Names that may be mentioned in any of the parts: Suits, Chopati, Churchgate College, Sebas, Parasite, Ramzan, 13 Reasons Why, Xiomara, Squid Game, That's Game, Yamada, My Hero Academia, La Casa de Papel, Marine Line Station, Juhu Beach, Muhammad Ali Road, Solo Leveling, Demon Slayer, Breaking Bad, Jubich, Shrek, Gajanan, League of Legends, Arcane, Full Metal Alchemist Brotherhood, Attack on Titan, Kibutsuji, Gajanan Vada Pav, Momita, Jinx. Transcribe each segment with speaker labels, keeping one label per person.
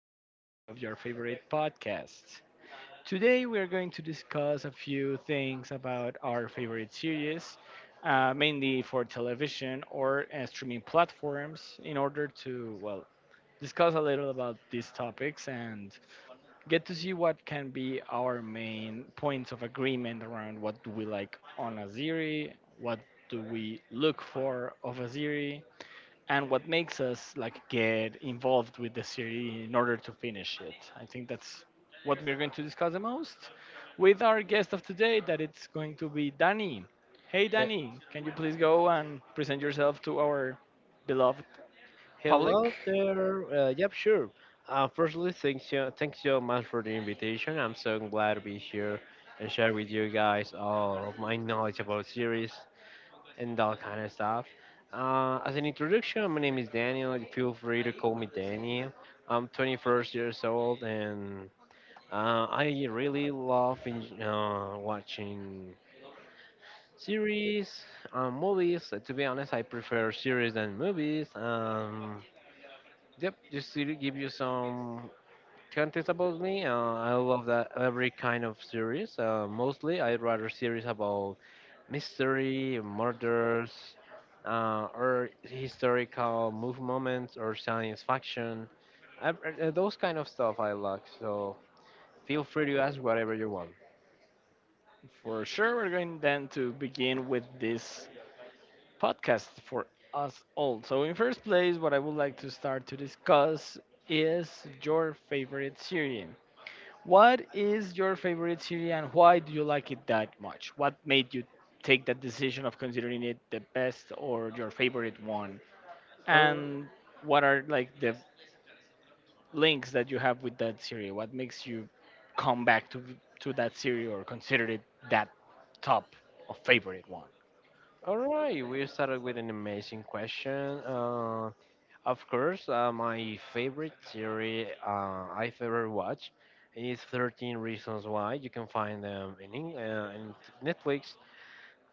Speaker 1: episode of your favorite podcast. Today, we are going to discuss a few things about our favorite series, mainly for television or streaming platforms, in order to, well, discuss a little about these topics and get to see what can be our main points of agreement around what do we like on a series, what do we look for of a series, and what makes us like get involved with the series in order to finish it. I think that's what we're going to discuss the most with our guest of today that it's going to be Danny. Hey
Speaker 2: Uh,
Speaker 1: Danny, can you please go and present yourself to our beloved public?
Speaker 2: Hello there. Yep, sure. Firstly, thanks so much for the invitation. I'm so glad to be here and share with you guys all of my knowledge about series and all kind of stuff. As an introduction, my name is Daniel. Feel free to call me Daniel. I'm 21 years old and I really love watching series, movies. To be honest, I prefer series than movies. Yep, just to give you some context about me, I love that every kind of series. Mostly, I rather series about mystery, murders, or historical move moments, or science fiction. I, those kind of stuff I like. So feel free to ask whatever you want.
Speaker 1: For sure, we're going then to begin with this podcast for us all. So, in first place, what I would like to start to discuss is your favorite series. What is your favorite series, and why do you like it that much? What made you take that decision of considering it the best or your favorite one?
Speaker 2: Or
Speaker 1: And what are like the links that you have with that series? What makes you come back to that series or consider it that top of favorite one?
Speaker 2: All right, we started with an amazing question. Of course, my favorite series I've ever watched is 13 Reasons Why. You can find them in Netflix.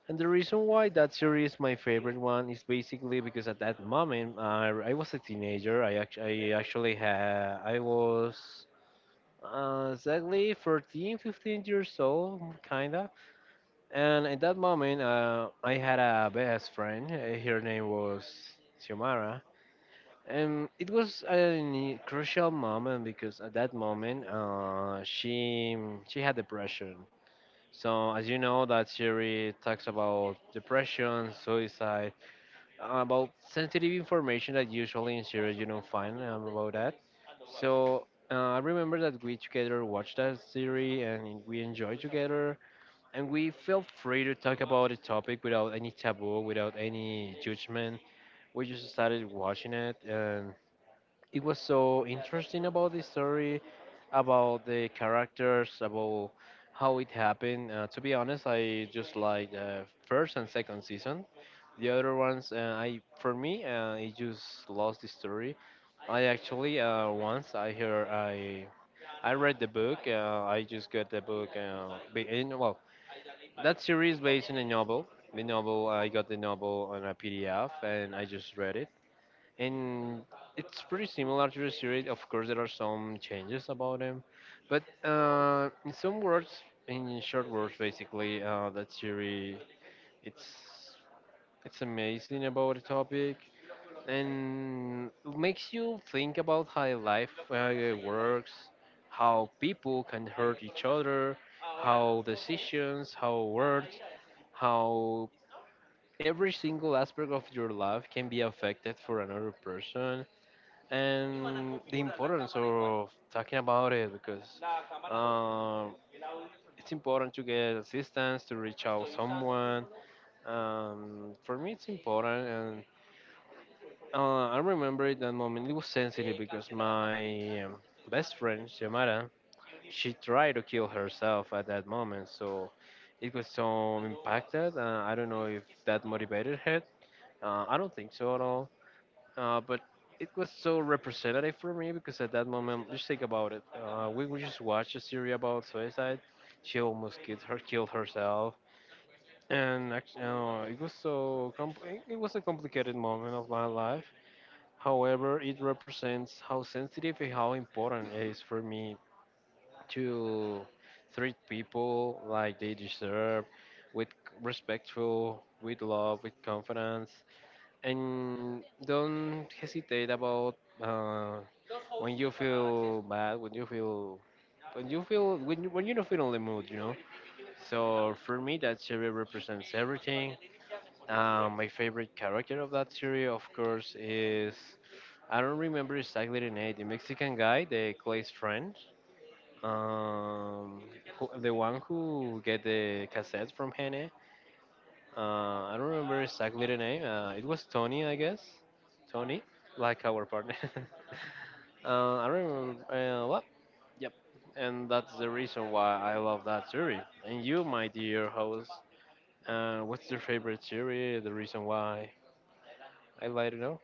Speaker 2: And the reason why that series is my favorite one is basically because at that moment I was a teenager. I actually I was exactly 14, 15 years old, kinda. And at that moment, I had a best friend. Her name was Xiomara. It was a crucial moment because at that moment, she had depression. So as you know, that series talks about depression, suicide, about sensitive information that usually in series you don't find about that. So I remember that we together watched that series and we enjoyed together, and we felt free to talk about the topic without any taboo, without any judgment. We just started watching it and it was so interesting about the story, about the characters, about how it happened. To be honest, I just like the first and second season. The other ones, I for me, it just lost the story. I actually once I read the book. I just got the book. That series based on a novel. The novel I got the novel on a PDF and I just read it and it's pretty similar to the series. Of course, there are some changes about them, but in short words, basically, that series it's it's amazing about the topic and it makes you think about how life works, how people can hurt each other, how decisions, how words, how every single aspect of your life can be affected for another person and the importance of talking about it because um, it's important to get assistance to reach out someone. For me it's important and I remember that moment it was sensitive because my best friend Yamada, she tried to kill herself at that moment, so it was so impacted. I don't know if that motivated her. I don't think so at all. But it was so representative for me because at that moment, just think about it. We just watched a series about suicide. She almost killed herself, and actually, it was so it was a complicated moment of my life. However, it represents how sensitive and how important it is for me to treat people like they deserve, with respectful, with love, with confidence, and don't hesitate about uh, when you feel bad when you feel when you feel when you don't feel in the mood, you know. So for me that series represents everything. My favorite character of that series, of course, is, I don't remember exactly the name, the Mexican guy, the Clay's friend, um, the one who get the cassette from Hene. uh, I don't remember exactly the name. It was Tony, I guess. Tony, like our partner. I remember. What? Yep. And that's the reason why I love that series. And you, my dear host, what's your favorite series? The reason why? I'd like to know.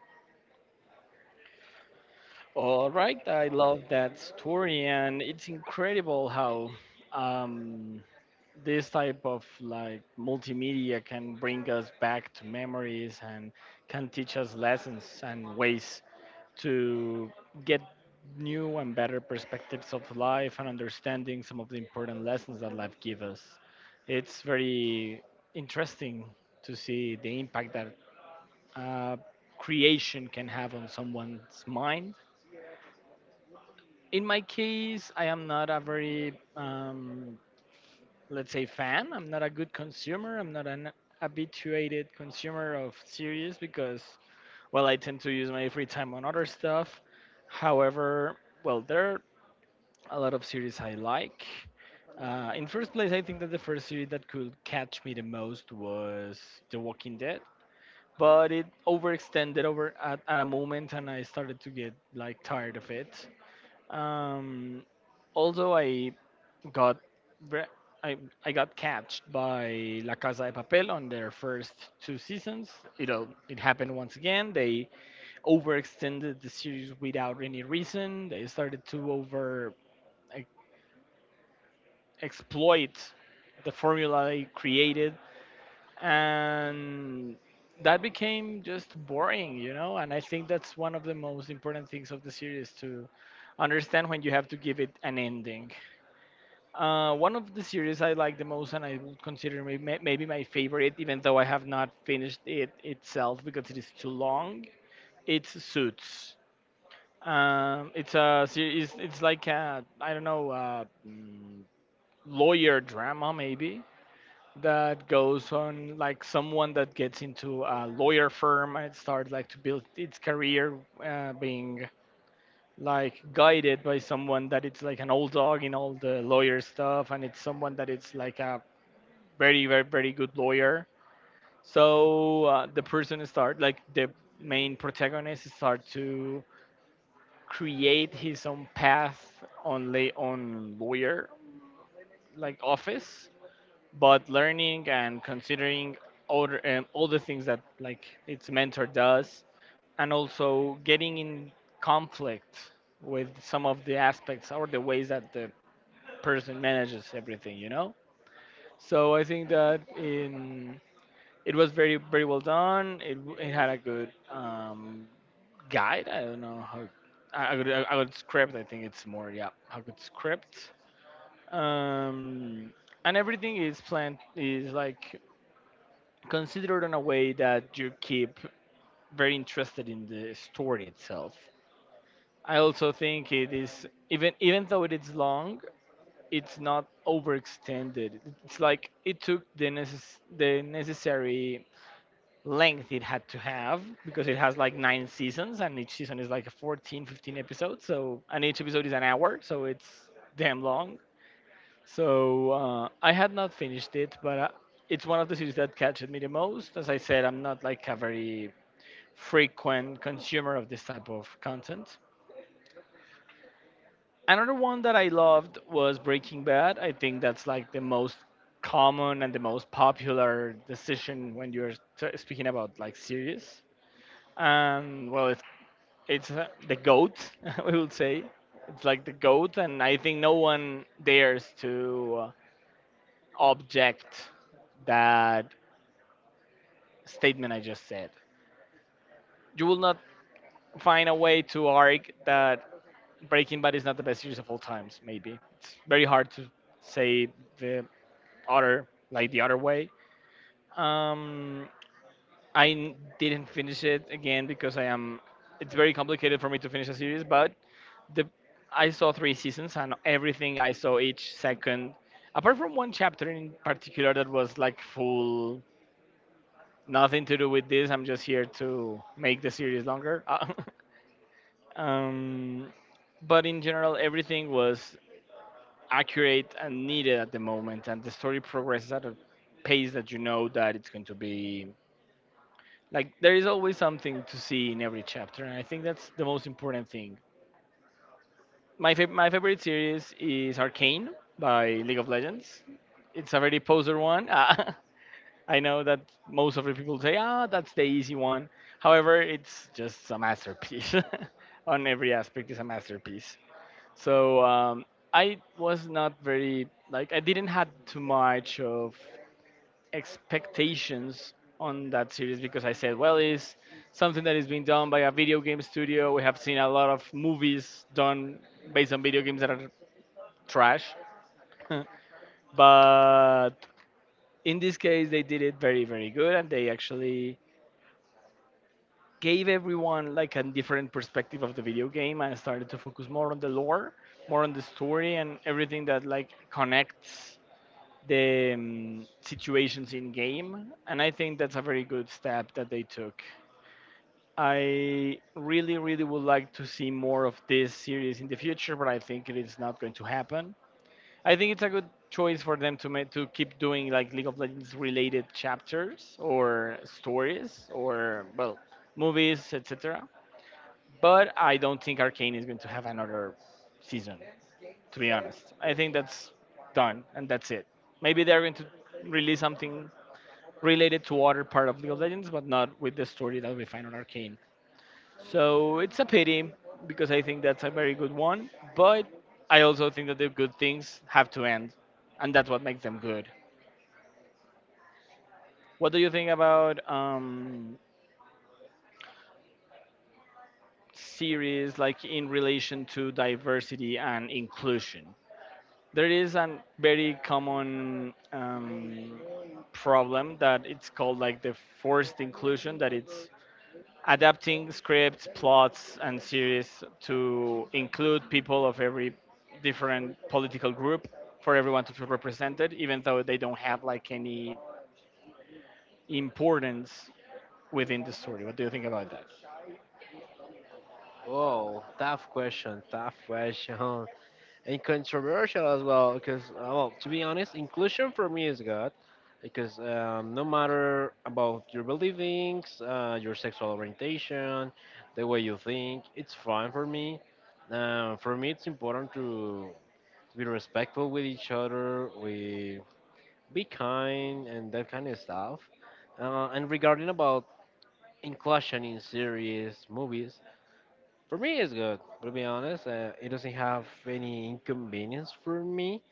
Speaker 1: All right, I love that story, and it's incredible how um, this type of like multimedia can bring us back to memories and can teach us lessons and ways to get new and better perspectives of life and understanding some of the important lessons that life gives us. It's very interesting to see the impact that uh, creation can have on someone's mind. In my case, I am not a very let's say fan. I'm not a good consumer, I'm not an habituated consumer of series because well I tend to use my free time on other stuff. However, well, there are a lot of series I like. In first place, I think that the first series that could catch me the most was The Walking Dead, but it overextended over at a moment, and I started to get like tired of it. um, Although I got ve- I, I got catched by La Casa de Papel on their first two seasons. You know, it happened once again. They overextended the series without any reason. They started to over e- exploit the formula they created, and that became just boring, you know. And I think that's one of the most important things of the series, to understand when you have to give it an ending. One of the series I like the most, and I would consider maybe my favorite, even though I have not finished it itself because it is too long, it's Suits. It's a series. It's like a, I don't know, lawyer drama maybe, that goes on like someone that gets into a lawyer firm and starts like to build its career, being like guided by someone that it's like an old dog in all the lawyer stuff, and it's someone that it's like a very, very, very good lawyer. So the person start like the main protagonist start to create his own path on lay on lawyer like office, but learning and considering other all the things that like its mentor does, and also getting in conflict with some of the aspects or the ways that the person manages everything, you know. So I think that in, it was very, very well done. It had a good guide. I don't know how I would script. I think it's more, yeah, a good script. Um, and everything is planned, is like considered in a way that you keep very interested in the story itself. I also think it is, even even though it is long, it's not overextended. It's like it took the the necessary length it had to have, because it has like nine seasons and each season is like 14 15 episodes, so, and each episode is an hour, so it's damn long. So I had not finished it, but it's one of the series that catches me the most. As I said, I'm not like a very frequent consumer of this type of content. Another one that I loved was Breaking Bad. I think that's like the most common and the most popular decision when you're speaking about like series, and well, it's the goat, we would say. It's like the goat, and I think no one dares to object that statement I just said. You will not find a way to argue that Breaking Bad is not the best series of all times. Maybe it's very hard to say the other, like the other way. Um, I didn't finish it again because I am. It's very complicated for me to finish a series, but the, I saw three seasons, and everything I saw each second, apart from one chapter in particular that was like full nothing to do with this. I'm just here to make the series longer. um, but in general, everything was accurate and needed at the moment, and the story progresses at a pace that you know that it's going to be, like there is always something to see in every chapter, and I think that's the most important thing. My favorite series is Arcane by League of Legends. It's a very poser one. I know that most of the people say, ah, that's the easy one. However, it's just a masterpiece. On every aspect, it's a masterpiece. So I was not very like, I didn't had too much of expectations on that series, because I said, well, it's something that is being done by a video game studio. We have seen a lot of movies done based on video games that are trash. But in this case, they did it very, very good, and they actually gave everyone like a different perspective of the video game and started to focus more on the lore, more on the story, and everything that like connects the situations in game. And I think that's a very good step that they took. I really, really would like to see more of this series in the future, but I think it is not going to happen. I think it's a good choice for them to make, to keep doing like League of Legends related chapters or stories, or well, movies etc. But I don't think Arcane is going to have another season. To be honest, I think that's done and that's it. Maybe they're going to release something related to other part of League of Legends, but not with the story that we find on Arcane. So it's a pity, because I think that's a very good one, but I also think that the good things have to end, and that's what makes them good. What do you think about series like in relation to diversity and inclusion? There is a very common problem that it's called like the forced inclusion, that it's adapting scripts, plots, and series to include people of every different political group, for everyone to feel represented, even though they don't have like any importance within the story. What do you think about that?
Speaker 2: Whoa, tough question, and controversial as well. Because well, to be honest, inclusion for me is God, because no matter about your beliefs, your sexual orientation, the way you think, it's fine for me. For me, it's important to be respectful with each other, we be kind and that kind of stuff. And regarding about inclusion in series, movies. For me, it's good. To be honest, it doesn't have any inconvenience for me.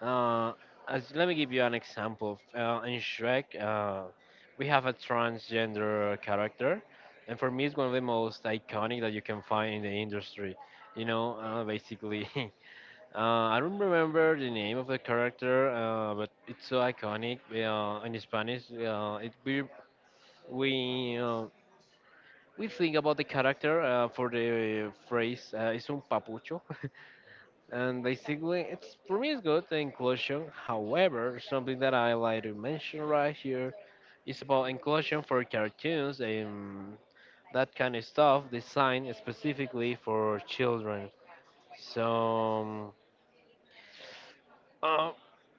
Speaker 2: Uh, as Let me give you an example. In Shrek, we have a transgender character, and for me, it's one of the most iconic that you can find in the industry. You know, basically, I don't remember the name of the character, but it's so iconic. In Spanish, it we uh, we think about the character for the phrase es un papucho. And basically, it's, for me, it's good the inclusion. However, something that I like to mention right here is about inclusion for cartoons and that kind of stuff designed specifically for children. So Uh,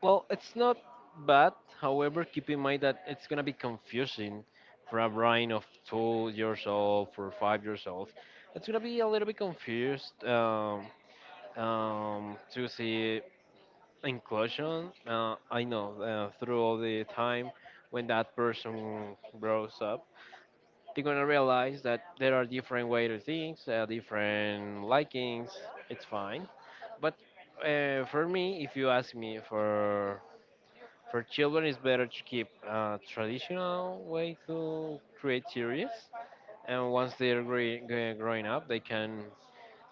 Speaker 2: well, it's not bad. However, keep in mind that it's gonna be confusing for a brain of 2 years old, for 5 years old. It's gonna be a little bit confused to see inclusion. I know through all the time when that person grows up, they're gonna realize that there are different way to things, different likings. It's fine, but for me, if you ask me for children, it's better to keep a traditional way to create series, and once they're growing up, they can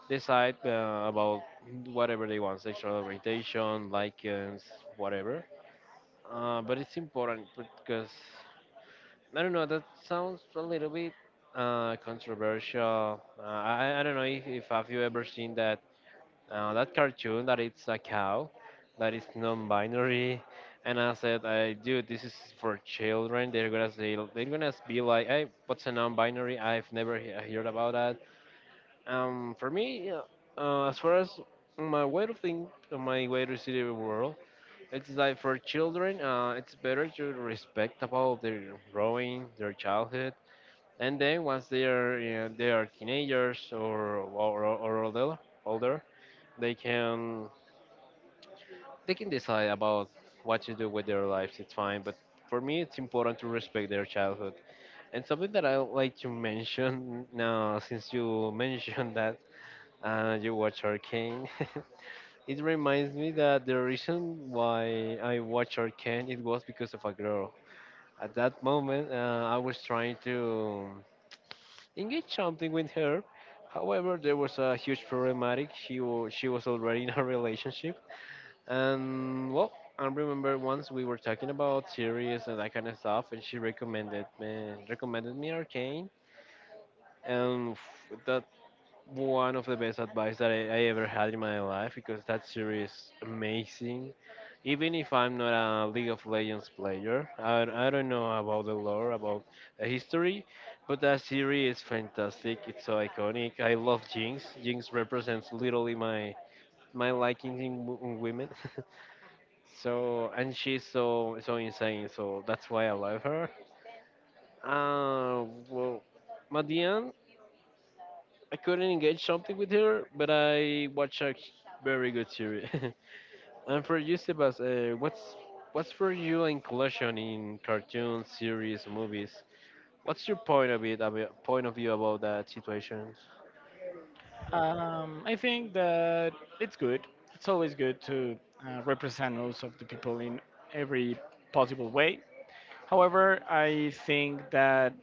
Speaker 2: decide about whatever they want, sexual orientation, likings, whatever. But it's important because I don't know. That sounds a little bit controversial. I don't know if have you ever seen that cartoon that it's a cow, that is non-binary, and I said, I dude, this is for children. They're gonna say, they're gonna be like, hey, what's a non-binary? I've never heard about that. For me, as far as my way to think, my way to see the world, it's like for children, it's better to respect about their growing, their childhood. And then once they are, you know, they are teenagers or older, older, they can, they can decide about what to do with their lives. It's fine, but for me, it's important to respect their childhood. And something that I like to mention now, since you mentioned that you watch Arcane, it reminds me that the reason why I watch Arcane it was because of a girl. At that moment, I was trying to engage something with her. However, there was a huge problematic. She was already in a relationship, and well, I remember once we were talking about series and that kind of stuff, and she recommended me Arcane, and that one of the best advice that I ever had in my life because that series is amazing. Even if I'm not a League of Legends player, I don't know about the lore, about the history, but that series is fantastic. It's so iconic. I love Jinx. Jinx represents literally my liking in women. So and she's so insane. So that's why I love her. Uh, well, at the end, I couldn't engage something with her, but I watched a very good series. And for you, Sebas, what's for you inclusion in cartoons, series, movies? What's your point of it? Point of view about that situation?
Speaker 1: I think that it's good. It's always good to represent most of the people in every possible way. However, I think that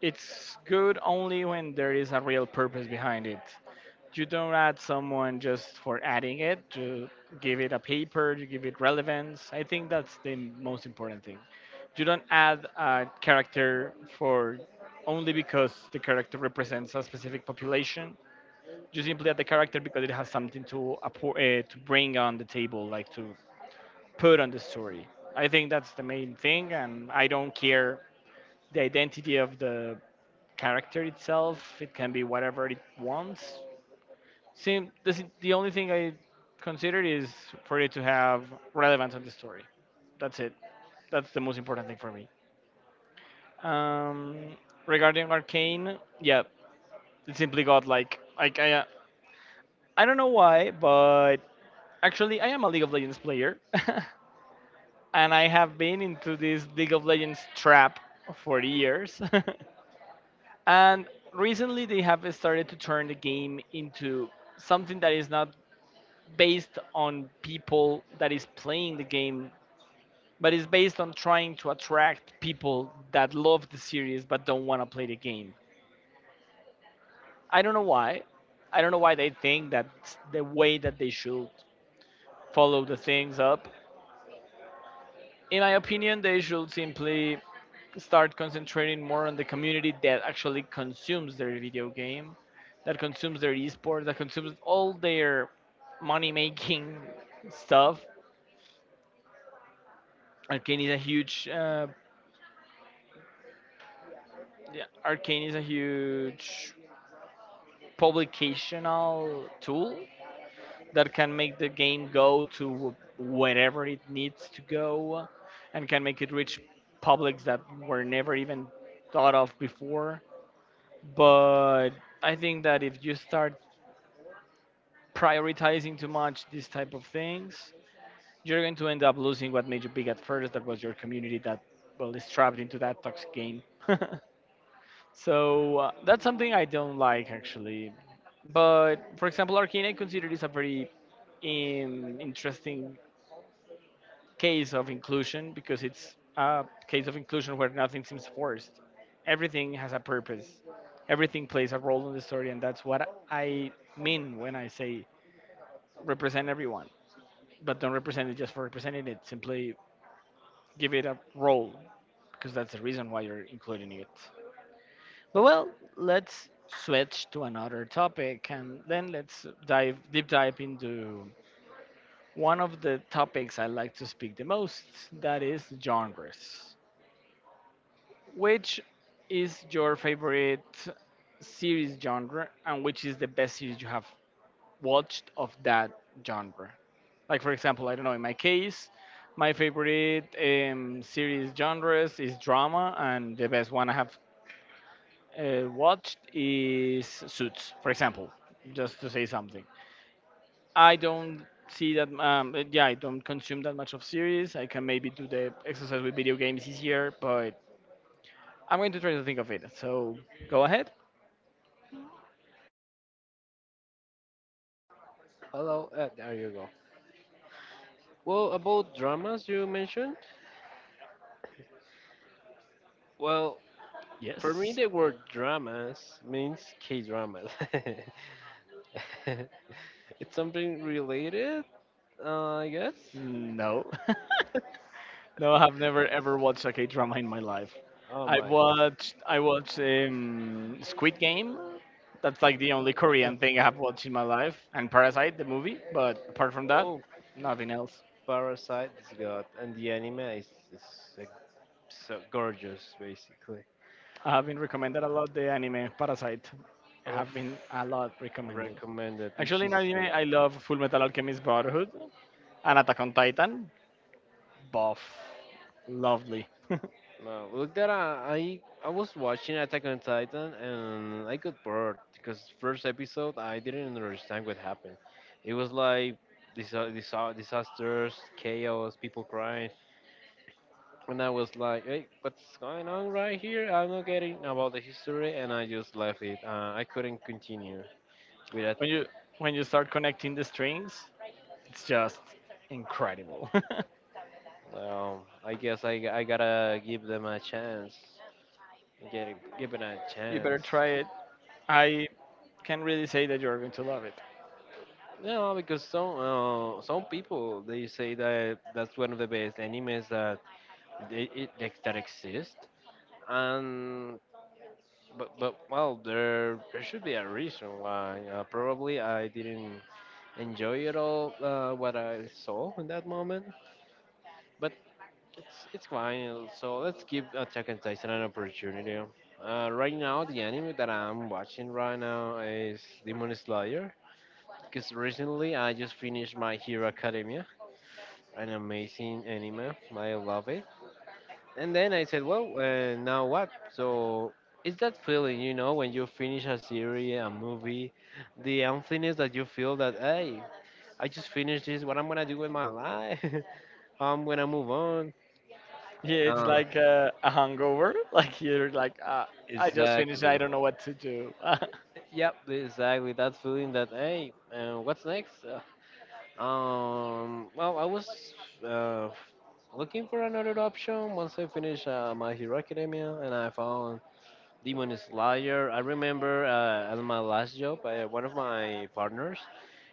Speaker 1: it's good only when there is a real purpose behind it. You don't add someone just for adding it, to give it a paper, to give it relevance. I think that's the most important thing. You don't add a character for only because the character represents a specific population. You simply add the character because it has something to to bring on the table, like to put on the story. I think that's the main thing, and I don't care the identity of the character itself. It can be whatever it wants. Seem this, the only thing I considered is for it to have relevance on the story. That's it. That's the most important thing for me. Um, regarding Arcane, yeah, it simply got I don't know why, but actually I am a League of Legends player, and I have been into this League of Legends trap for years. And recently, they have started to turn the game into something that is not based on people that is playing the game, but is based on trying to attract people that love the series but don't want to play the game. I don't know why. I don't know why they think that's the way that they should follow the things up. In my opinion, they should simply start concentrating more on the community that actually consumes their video game, that consumes their esports, that consumes all their money making stuff. Arcane is a huge, yeah, Arcane is a huge publicational tool that can make the game go to wherever it needs to go, and can make it reach publics that were never even thought of before. But I think that if you start prioritizing too much these type of things, you're going to end up losing what made you big at first. That was your community that well is trapped into that toxic game. That's something I don't like actually. But for example, Arcane, I consider this a very interesting case of inclusion because it's a case of inclusion where nothing seems forced. Everything has a purpose. Everything plays a role in the story, and that's what I mean when I say represent everyone, but don't represent it just for representing it. Simply give it a role because that's the reason why you're including it. But well, let's switch to another topic, and then let's dive deep dive into one of the topics I like to speak the most. That is genres. Which is your favorite series genre and which is the best series you have watched of that genre? Like, for example, I don't know, in my case, my favorite series genres is drama, and the best one I have watched is Suits, for example, just to say something. I don't see that, yeah, I don't consume that much of series. I can maybe do the exercise with video games easier, but I'm going to try to think of it. So go ahead.
Speaker 2: Hello, there you go. Well, about dramas you mentioned. Well, for me,
Speaker 1: Yes.
Speaker 2: the word dramas means K dramas. It's something related, I guess.
Speaker 1: No. No, I have never ever watched a K drama in my life.
Speaker 2: Oh
Speaker 1: I
Speaker 2: my,
Speaker 1: watched I watched um, Squid Game. That's like the only Korean thing I have watched in my life, and Parasite, the movie. But apart from that,
Speaker 2: oh,
Speaker 1: nothing else.
Speaker 2: Parasite is God, and the anime is, like, so gorgeous, basically.
Speaker 1: I have been recommended a lot the anime Parasite. I
Speaker 2: Oof,
Speaker 1: have been a lot recommended.
Speaker 2: recommended.
Speaker 1: Actually, in
Speaker 2: Ishizu.
Speaker 1: anime, I love Full Metal Alchemist Brotherhood and Attack on Titan. Buff, lovely.
Speaker 2: No, look that I was watching Attack on Titan and I got bored because first episode I didn't understand what happened. It was like disasters, chaos, people crying. And I was like, hey, what's going on right here? I'm not getting about the history, and I just left it. I couldn't continue with that.
Speaker 1: when you when you start connecting the strings, it's just incredible.
Speaker 2: Well, I guess I gotta give them a chance. Give it a
Speaker 1: You better
Speaker 2: chance.
Speaker 1: try it. I can really say that you're going to love it.
Speaker 2: No, because some people they say that that's one of the best animes that that exist, and but well there should be a reason why. Probably I didn't enjoy it all, what I saw in that moment. But it's fine. So let's give Attack on Titan an opportunity. Right now, the anime that I'm watching right now is Demon Slayer. Because recently I just finished My Hero Academia, an amazing anime. I love it. And then I said, well, now what? So it's that feeling, you know, when you finish a series, a movie, the emptiness that you feel that, hey, I just finished this. What I'm gonna do with my life? I'm gonna move on.
Speaker 1: Yeah, it's
Speaker 2: Uh,
Speaker 1: like a hangover. Like you're like, I just finished. I
Speaker 2: exactly.
Speaker 1: don't know what to do.
Speaker 2: Yep, exactly. That feeling that hey, what's next? Well, I was uh, looking for another option once I finished My Hero Academia, and I found Demon Slayer. I remember at my last job, one of my partners,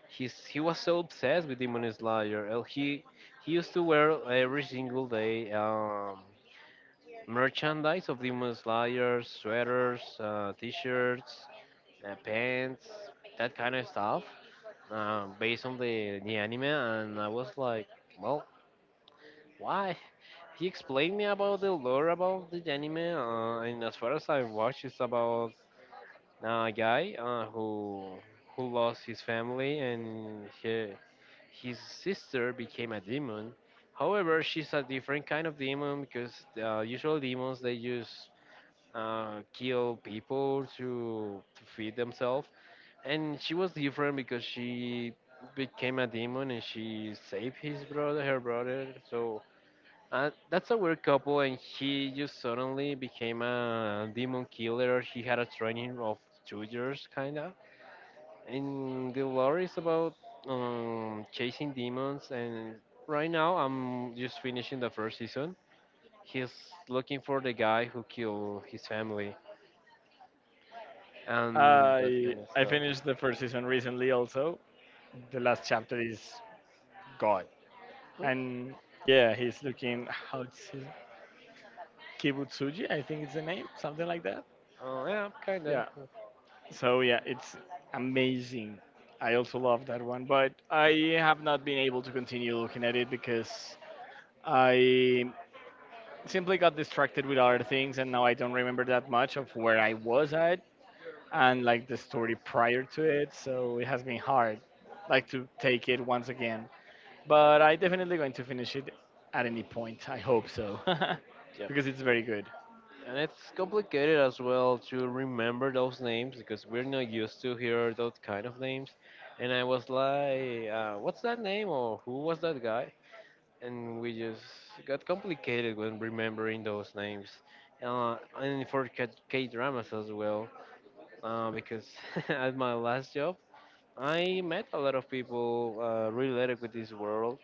Speaker 2: he was so obsessed with Demon Slayer. He he used to wear every single day merchandise of Demon Slayer, sweaters, t-shirts, pants, that kind of stuff, based on the anime. And I was like, well, why? He explained me about the lore about the anime, and as far as I watched, it's about a guy who who lost his family and his sister became a demon. However, she's a different kind of demon because usual demons they use kill people to feed themselves. And she was different because she became a demon and she saved her brother. So that's a weird couple. And he just suddenly became a demon killer. She had a training of 2 years, kind of. And the lore is about chasing demons. And right now, I'm just finishing the first season. He's looking for the guy who killed his family and that
Speaker 1: I
Speaker 2: kind of
Speaker 1: I
Speaker 2: stuff.
Speaker 1: finished the first season recently. Also, the last chapter is God,
Speaker 2: Yeah,
Speaker 1: and yeah, he's looking how it's his, Kibutsuji. I think it's the name, something like that.
Speaker 2: yeah, kinda.
Speaker 1: Yeah. So yeah, it's amazing. I also love that one, but I have not been able to continue looking at it because I simply got distracted with other things, and now I don't remember that much of where I was at and like the story prior to it. So it has been hard, like to take it once again. But I definitely going to finish it at any point. I hope so,
Speaker 2: Yep.
Speaker 1: because it's very good.
Speaker 2: And it's complicated as well to remember those names because we're not used to hear those kind of names. And I was like, what's that name or who was that guy? And we just got complicated when remembering those names. And for K dramas as well, because at my last job, I met a lot of people related with this world.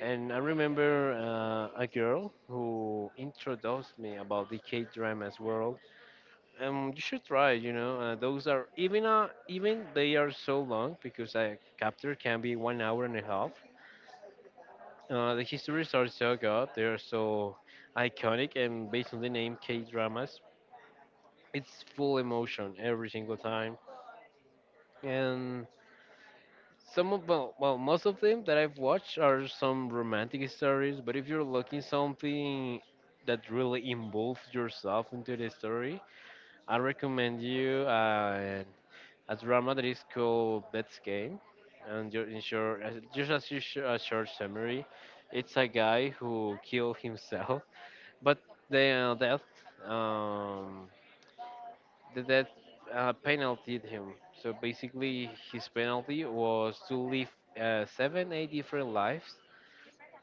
Speaker 2: And I remember a girl who introduced me about the K dramas world. You should try. You know, those are even even they are so long because a chapter can be 1 hour and a half. The histories are so good. They are so iconic, and based on the name K dramas, it's full emotion every single time. And some of well, most of them that I've watched are some romantic stories. But if you're looking something that really involves yourself into the story, I recommend you a drama that is called That's Game. And in short, just as a short summary, it's a guy who killed himself, but the death, um, that that, penalty him. So basically, his penalty was to live 7, 8 different lives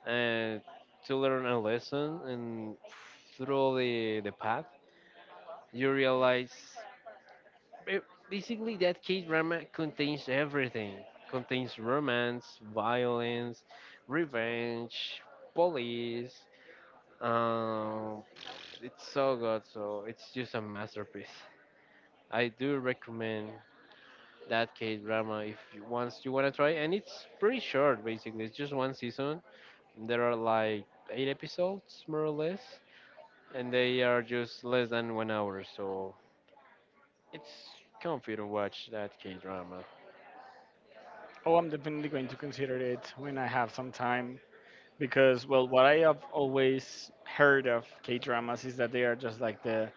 Speaker 2: and to learn a lesson. And through the path, you realize ba- basically that K drama contains everything, contains romance, violence, revenge, police. Um, it's so good, so it's just a masterpiece. I do recommend that K drama if you, once you want to try, and it's pretty short basically. It's just one season. There are like 8 episodes more or less, and they are just less than 1 hour, so it's comfy to watch that K drama.
Speaker 1: Oh, I'm definitely going to consider it when I have some time because well, what I have always heard of K dramas is that they are just like the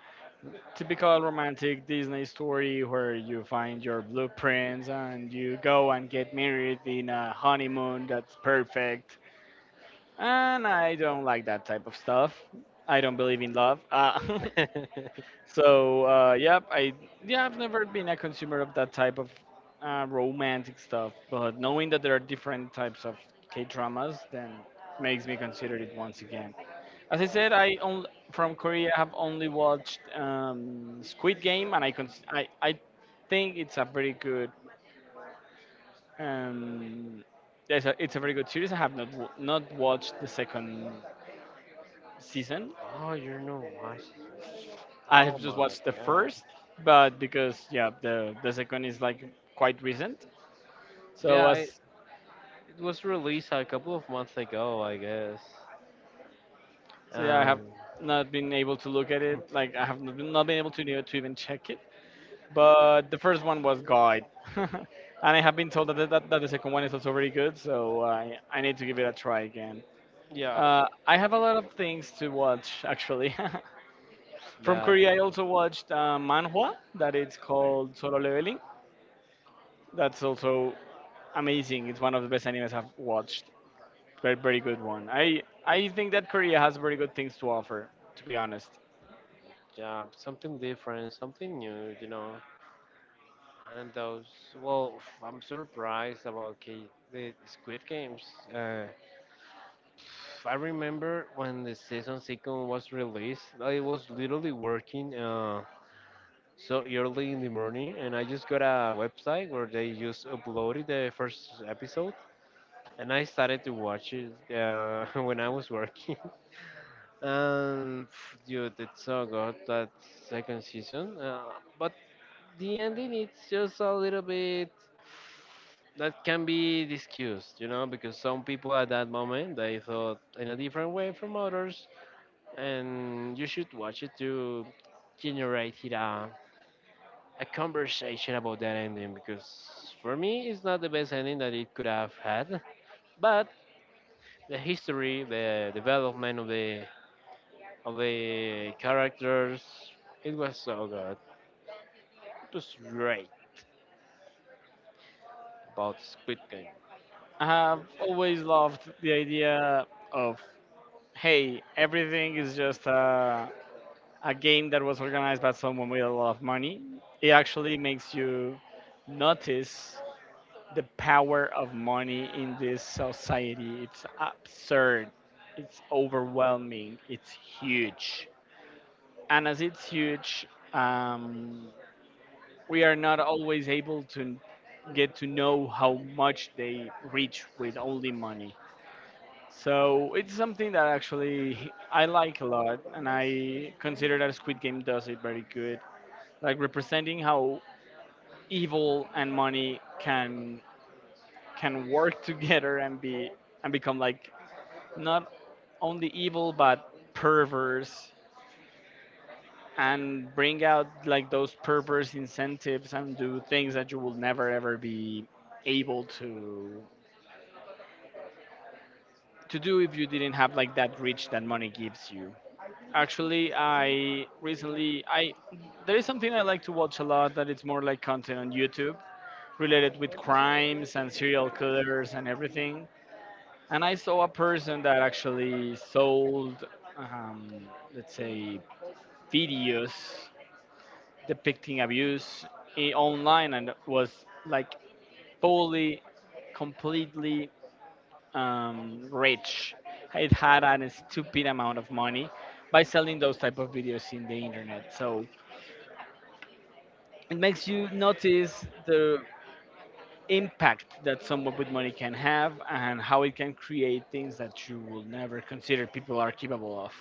Speaker 1: typical romantic Disney story where you find your blueprints and you go and get married in a honeymoon that's perfect, and I don't like that type of stuff. I don't believe in love. So yep I yeah, I've never been a consumer of that type of romantic stuff, but knowing that there are different types of K dramas then makes me consider it once again. As I said, from Korea have only watched Squid Game, and I, con- I think it's a very good um, yeah, it's a very good series. I have not not watched the second season.
Speaker 2: Oh, you're not watching.
Speaker 1: I
Speaker 2: Oh
Speaker 1: have just
Speaker 2: my
Speaker 1: watched the
Speaker 2: god.
Speaker 1: first, but because yeah, the second is like quite recent. So
Speaker 2: Yeah,
Speaker 1: as
Speaker 2: it was released a couple of months ago, I guess.
Speaker 1: so yeah, I have
Speaker 2: Um,
Speaker 1: not been able to look at it. Like I have not been able to even check it. But the first one was God, and I have been told that that the second one is also very good, so I need to give it a try again.
Speaker 2: yeah,
Speaker 1: I have a lot of things to watch actually. From
Speaker 2: but
Speaker 1: Korea, I also watched manhwa that it's called Solo Leveling. That's also amazing. It's one of the best animes I've watched. Very very good one. I think that Korea has very good things to offer. To be honest,
Speaker 2: yeah, something different, something new, you know. And those, well, I'm surprised about the Squid Games. Uh, I remember when the season second was released, I was literally working so early in the morning, and I just got a website where they just uploaded the first episode, and I started to watch it when I was working. And pff, dude, it's so good that second season. But the ending it's just a little bit that can be discussed, you know, because some people at that moment they thought in a different way from others, and you should watch it to generate it a conversation about that ending. Because for me, it's not the best ending that it could have had, but the history, the development of the characters, it was so good. It was great about Squid Game
Speaker 1: I have always loved the idea of hey, everything is just a game that was organized by someone with a lot of money. It actually makes you notice the power of money in this society. It's absurd, it's overwhelming, it's huge. And as it's huge, um, we are not always able to get to know how much they reach with only money. So it's something that actually I like a lot, and I consider that Squid Game does it very good, like representing how evil and money can work together and be and become like not only evil but perverse, and bring out like those perverse incentives and do things that you will never ever be able to do if you didn't have like that reach that money gives you. Actually i recently i there is something I like to watch a lot that it's more like content on YouTube related with crimes and serial killers and everything. And I saw a person that actually sold, um, let's say, videos depicting abuse online and was like fully, completely rich. It had an stupid amount of money by selling those type of videos in the internet. So it makes you notice the impact that someone with money can have and how it can create things that you will never consider people are capable of.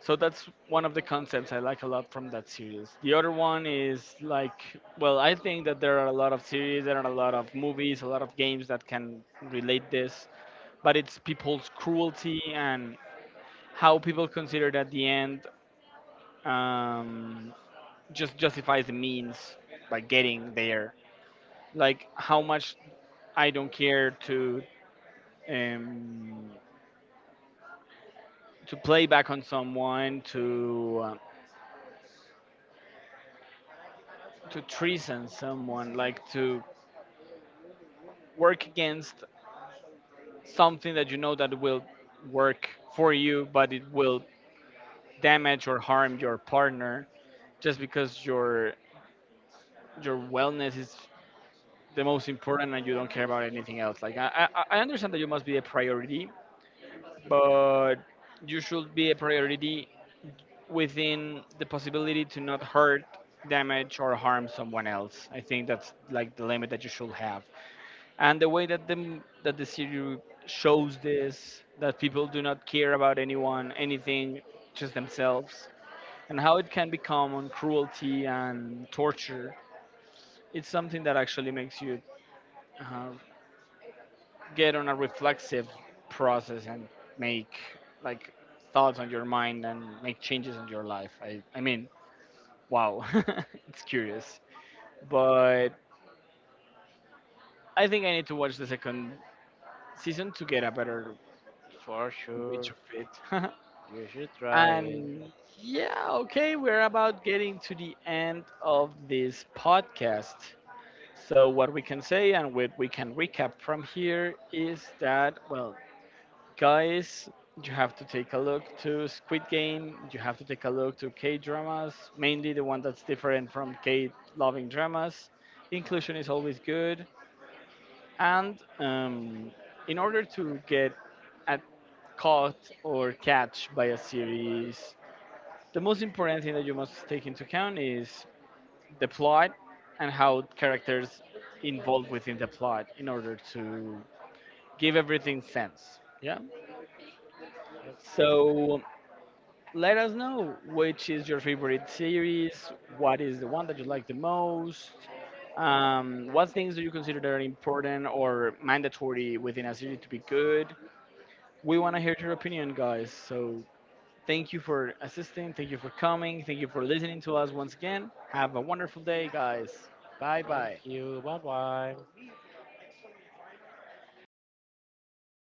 Speaker 1: So that's one of the concepts I like a lot from that series. The other one is like, well, I think that there are a lot of series, there are a lot of movies, a lot of games that can relate this, but it's people's cruelty and how people consider it at the end um, just justifies the means by getting there. Like how much I don't care um, to play back on someone, to treason someone, like to work against something that you know that will work for you, but it will damage or harm your partner just because your wellness is the most important and you don't care about anything else. Like I understand that you must be a priority, but you should be a priority within the possibility to not hurt damage or harm someone else. I think that's like the limit that you should have, and the way that that the series shows this, that people do not care about anyone anything, just themselves, and how it can become on cruelty and torture, it's something that actually makes you uh, get on a reflexive process and make like thoughts on your mind and make changes in your life. I mean, wow. It's curious. But I think I need to watch the second season to get a better
Speaker 2: for sure.
Speaker 1: reach of it.
Speaker 2: You should try it.
Speaker 1: And yeah, okay, we're about getting to the end of this podcast. So, what we can say and what we can recap from here is that, well, guys, you have to take a look to Squid Game, you have to take a look to K dramas, mainly the one that's different from K loving dramas. Inclusion is always good. And in order to get at caught or catch by a series, the most important thing that you must take into account is the plot and how characters involved within the plot in order to give everything sense. Yeah.
Speaker 2: Yep.
Speaker 1: So let us know which is your favorite series, what is the one that you like the most, what things do you consider that are important or mandatory within a series to be good? We want to hear your opinion, guys. So thank you for assisting. Thank you for coming. Thank you for listening to us once again. Have a wonderful day, guys. Bye
Speaker 2: Thank
Speaker 1: bye.
Speaker 2: you. Bye bye.